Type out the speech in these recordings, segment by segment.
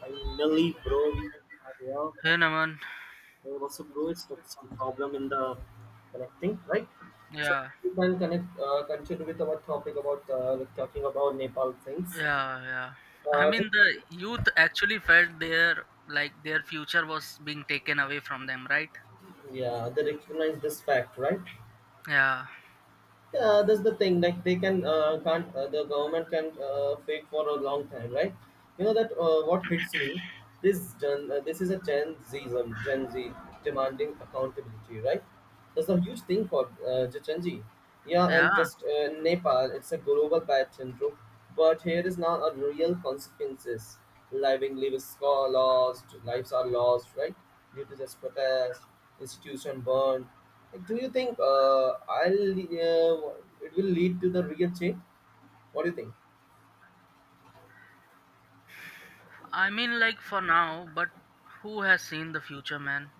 Finally, bro, we are here. Hey Naman, There was a bro, it's got some problem in the connecting, right? So yeah, we can connect, continue with our topic about talking about Nepal things. yeah, yeah. I Uh, mean, the youth actually felt their like their future was being taken away from them, right? yeah, they recognize this fact, right? Yeah, Yeah, that's the thing. Like they can can't the government can fake for a long time, right? You know that what hits me. This is a Gen Zism, Gen Z demanding accountability, right? That's a huge thing for Gen Z. Yeah, and yeah. just Nepal, it's a global pattern, bro. But here is now a real consequences. Living lives are lost, right? Due to this protest, institution burned. Do you think I'll it will lead to the real change? What do you think? I mean, like for now, but who has seen the future, man?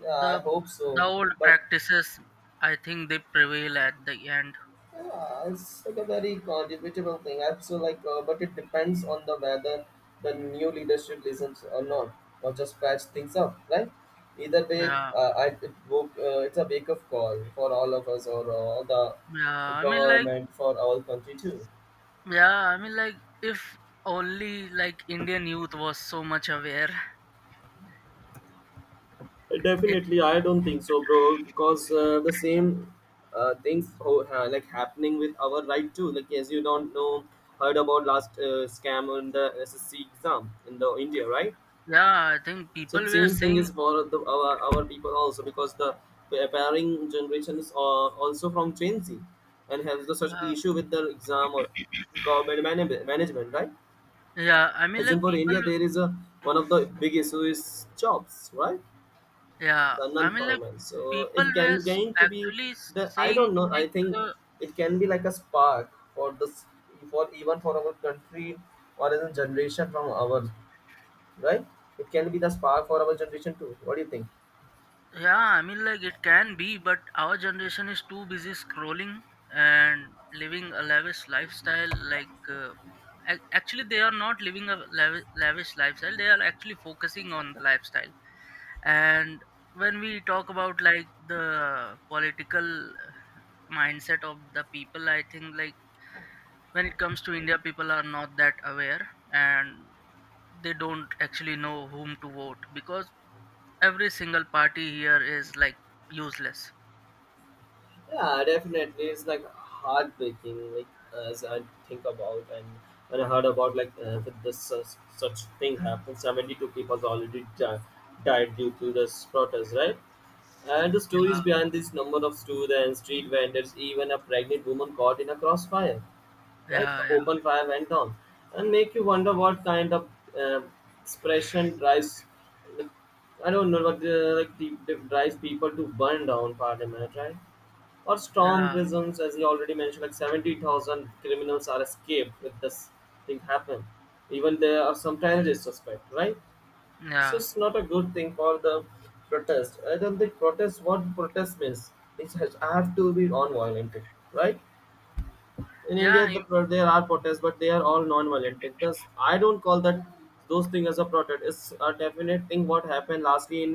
Yeah, I hope the so. old But practices, I think they prevail at the end. yeah, it's like a very debatable thing. I feel like, but it depends on the whether the new leadership listens or not, or just patch things up, right? Either way, Yeah, it's a wake up call for all of us or all the yeah. I mean, like, government for our country too. yeah. I mean, like, if only like Indian youth was so much aware, it. Definitely, I don't think so, bro. Because the same like happening with our right too. Like as you don't know, heard about last scam on the SSC exam in the India, right? Yeah, I think people So were same thing saying. is for the, our people also because the appearing generation is also from Gen Z and has the such Yeah, issue with the exam or management, right? yeah, I mean, As like in for people. India, there is a one of the big issue is jobs, right? Yeah, The I mean, like non-formal so people it were can going to be actually the i saying don't know like, i think uh, it can be like a spark for this for even for our country or as a generation from our right. It can be the spark for our generation too. What do you think? yeah, I mean, like it can be, but our generation is too busy scrolling and living a lavish lifestyle. Like, actually, they are not living a lavish lifestyle. They are actually focusing on the lifestyle. And when we talk about like the political mindset of the people, I think like when it comes to India, people are not that aware, and they don't actually know whom to vote, because every single party here is like useless. Yeah, definitely. It's like heartbreaking, like as I think about and when I heard about like that this such thing happened. 72 people died due to this protest, right? And the stories Yeah, behind this number of students, street vendors, even a pregnant woman caught in a crossfire, right? yeah, The yeah, open fire went on, and make you wonder what kind of uh, expression drives, like, I don't know, what like the drives people to burn down parliament, right? Or storm yeah, prisons, as you already mentioned, like 70,000 criminals are escaped if this thing happened. Even there are some terrorist suspect, right? So yeah, it's not a good thing for the protest. I don't think protest what protest means. It has I have to be non-violent, right? In India, yeah, there are protests, but they are all non-violent. Like this, I don't call that those things as a protest. It's a definite thing. What happened lastly in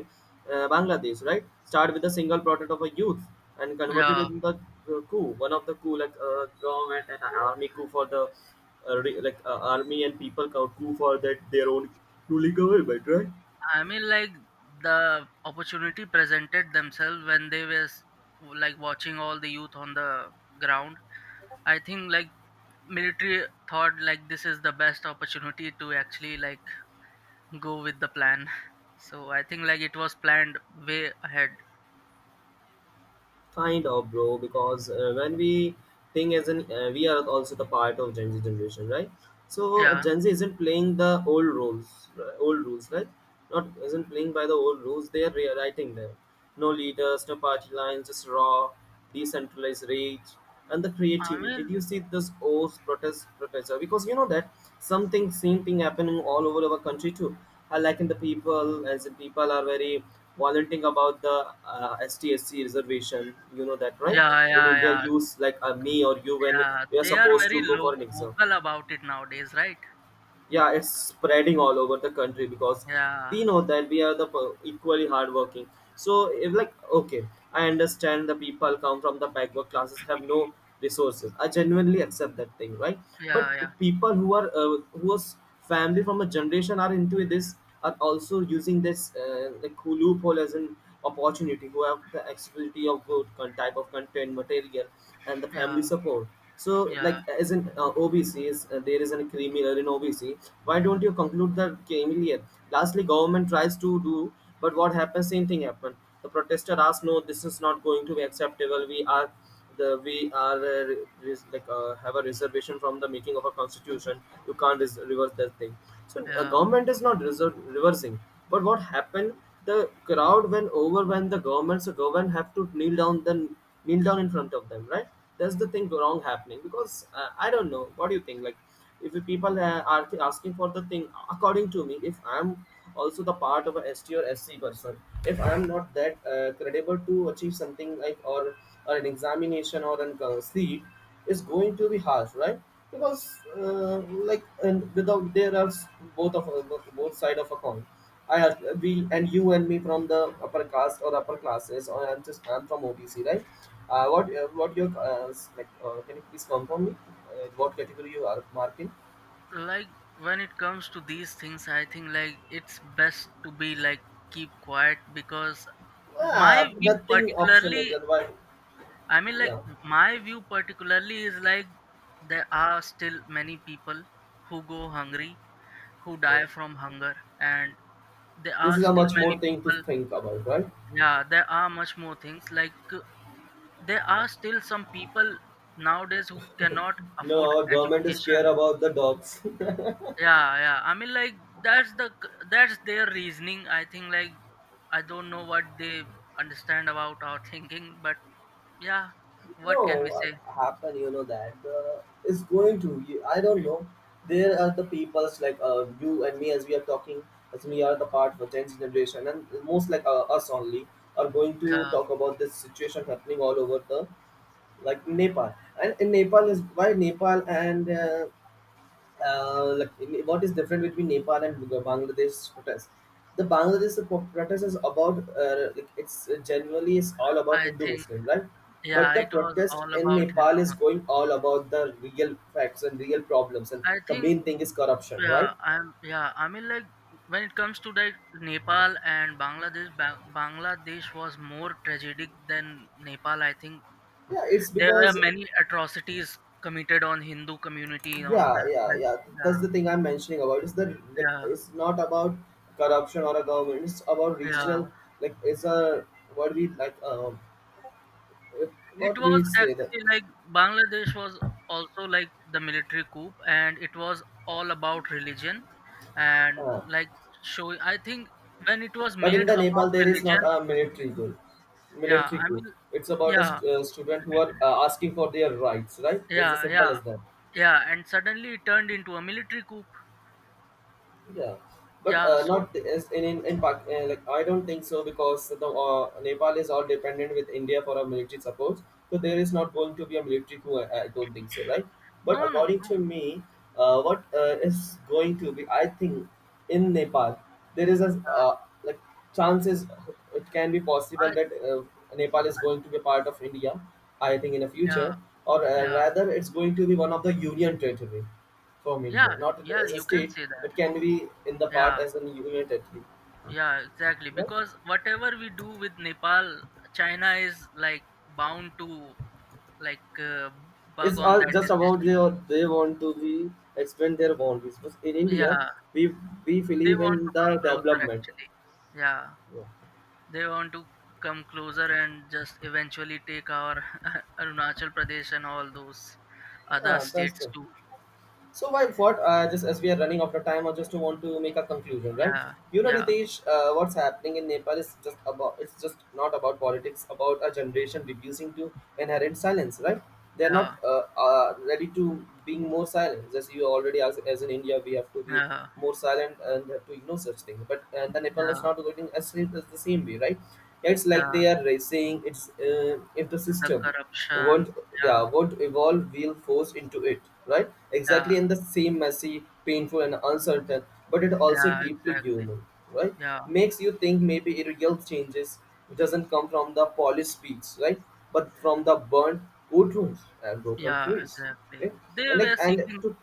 Bangladesh, right? Start with a single protest of a youth and converted yeah. in the coup, one of the coup like government and army coup for the like army and people coup for that their own ruling government, right? I mean, like the opportunity presented themselves when they were like watching all the youth on the ground. I think like military thought like this is the best opportunity to actually like go with the plan. So I think like it was planned way ahead. Kind of bro because when we think as an we are also the part of Gen Z generation, right? So Yeah. Gen Z isn't playing the old rules, right? Not isn't playing by the old rules, they are rewriting them. No leaders, no party lines, just raw decentralized rage and the I creativity. Did mean, you see this o's protester? Because you know that something same thing happening all over our country too. I like in the people as in people are very volunteering about the STSC reservation, you know that right? yeah, In yeah, India yeah, use like me or you when yeah. we are They are supposed very to go low for an exam. vocal about it nowadays, right? Yeah, it's spreading all over the country because Yeah, we know that we are equally hardworking. So if like okay, I understand the people come from the backward classes have no resources, I genuinely accept that thing, right? But yeah, yeah, people who are who was family from a generation are into this are also using this like loophole as an opportunity, who have the accessibility of good type of content material and the yeah, family support. So yeah, like as in OBC is there is an criminal in OBC, why don't you conclude the criminal? Lastly government tries to do, but what happens, same thing happened. The protester asked, no, this is not going to be acceptable. We are the we are like have a reservation from the making of a constitution. You can't reverse that thing. So a yeah. government is not reversing. But what happened? The crowd when overwhelmed the government, so government have to kneel down, then kneel down in front of them, right? That's the thing wrong happening because I don't know what do you think like, if the people are asking for the thing according to me, if I'm also the part of a ST or SC person. If I am not that credible to achieve something like or an examination or an seat, is going to be harsh, right? Because uh, like and without both of both side of a coin. I we and you and me from the upper caste or upper classes, or I'm from OBC, right? What your like? Can you please confirm me what category you are marking? Like when it comes to these things, I think like it's best to be like keep quiet, because my Ah, view nothing optional. particularly, That why, I mean, like yeah. my view particularly is like there are still many people who go hungry, who Yeah. die from hunger, and there This are is a still much many more thing to people. think about, right? Yeah, there are much more things, like, there are still some people nowadays who cannot afford No, our government is care education. about the dogs. Yeah, yeah, I mean, like that's their reasoning. I think like I don't know what they understand about our thinking, but yeah, what No, can we what say? happened, you know, that is going to, you- I don't know. There are the peoples like you and me as we are talking, as we are the part of the 10th generation, and most like us only are going to Yeah, talk about this situation happening all over the like Nepal. And in Nepal is why Nepal and like what is different between Nepal and Bangladesh protest? Protest is about like it's generally it's all about I Hindu think Muslim, right? yeah, But the it was protest all in about Nepal is Hinduism, going all about the real facts and real problems, and I the think. main thing is corruption, Yeah, right? I'm yeah, I mean, like when it comes to like Nepal and Bangladesh, Bangladesh was more tragic than Nepal. I think Yeah, it's there were because many atrocities committed on Hindu community on yeah, that. yeah, Like yeah. yeah, That's the thing I'm mentioning about. It's the like, yeah, it's not about corruption or a government. It's about yeah. regional, like it's a what we like It what was we say that. actually like Bangladesh was also like the military coup, and it was all about religion and Uh, like show. I think when it was But in made the Nepal, about there is not religion, a military goal, yeah, I military coup. mean It's about a yeah. Student who are asking for their rights, right? That's as Yeah, simple yeah. as that. Yeah, and suddenly it turned into a military coup. Yeah, but Yeah, so not as in in like I don't think so because the Nepal is all dependent with India for our military support. So there is not going to be a military coup. I don't think so, right? But no, no, according no. to me, what is going to be? I think in Nepal there is a Uh, like chances it can be I, possible that Nepal is going to be part of India, I think in the yeah, future, or yeah, rather it's going to be one of the union territory from yeah, India, not yeah. as a You can state, say that. but can be in the part Yeah, as a union territory. yeah, exactly. Right? Because whatever we do with Nepal, China is like bound to like bug It's on all that just about decision. They want to be expand their boundaries. But in India, Yeah, we we they believe want in to come the closer development. actually. Yeah, Yeah. they want to come closer and just eventually take our Arunachal Pradesh and all those other Ah, that's states good. too. So why what? Just as we are running out of time, I just want to make a conclusion, right? Yeah, You know, yeah, Ritesh, what's happening in Nepal is just about it's just not about politics, about a generation reducing to inherent silence, right? They're yeah, not uh, uh, ready to being more silent. As you already asked, as in India, we have to be yeah, more silent and have to ignore such things. But the Nepal is yeah, not going as the same way, right? Yeah, it's like yeah. they are racing. It's the The system won't, corruption. yeah, Yeah, won't evolve, we'll force into it, right? yeah, Exactly in the same messy, painful and uncertain, but it also yeah, deeply exactly. human, right? Yeah, Makes you think maybe real changes doesn't come from the polished speech, right? But from the burnt wood rooms and broken yeah, trees. exactly. Okay? They And like were and seeking to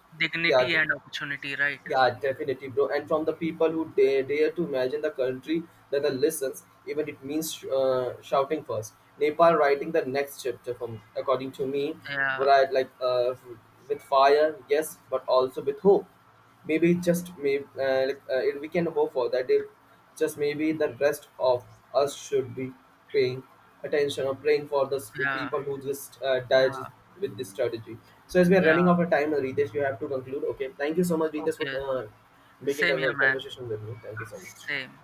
yeah. dignity and opportunity, right? Yeah, definitely, bro. And from the people who dare to imagine the country that the listens, even it means shouting first. Nepal writing the next chapter from, according to me, Yeah, right? Like with fire, yes, but also with hope. Maybe just maybe we can hope for that if just maybe the rest of us should be paying attention or praying for yeah, people who just died yeah, with this strategy. So as we are yeah. running out of time, Ritesh, we have to conclude. Okay, thank you so much, Ritesh, for Okay. Making Same a here, man. conversation with me. Thank you so much. Same.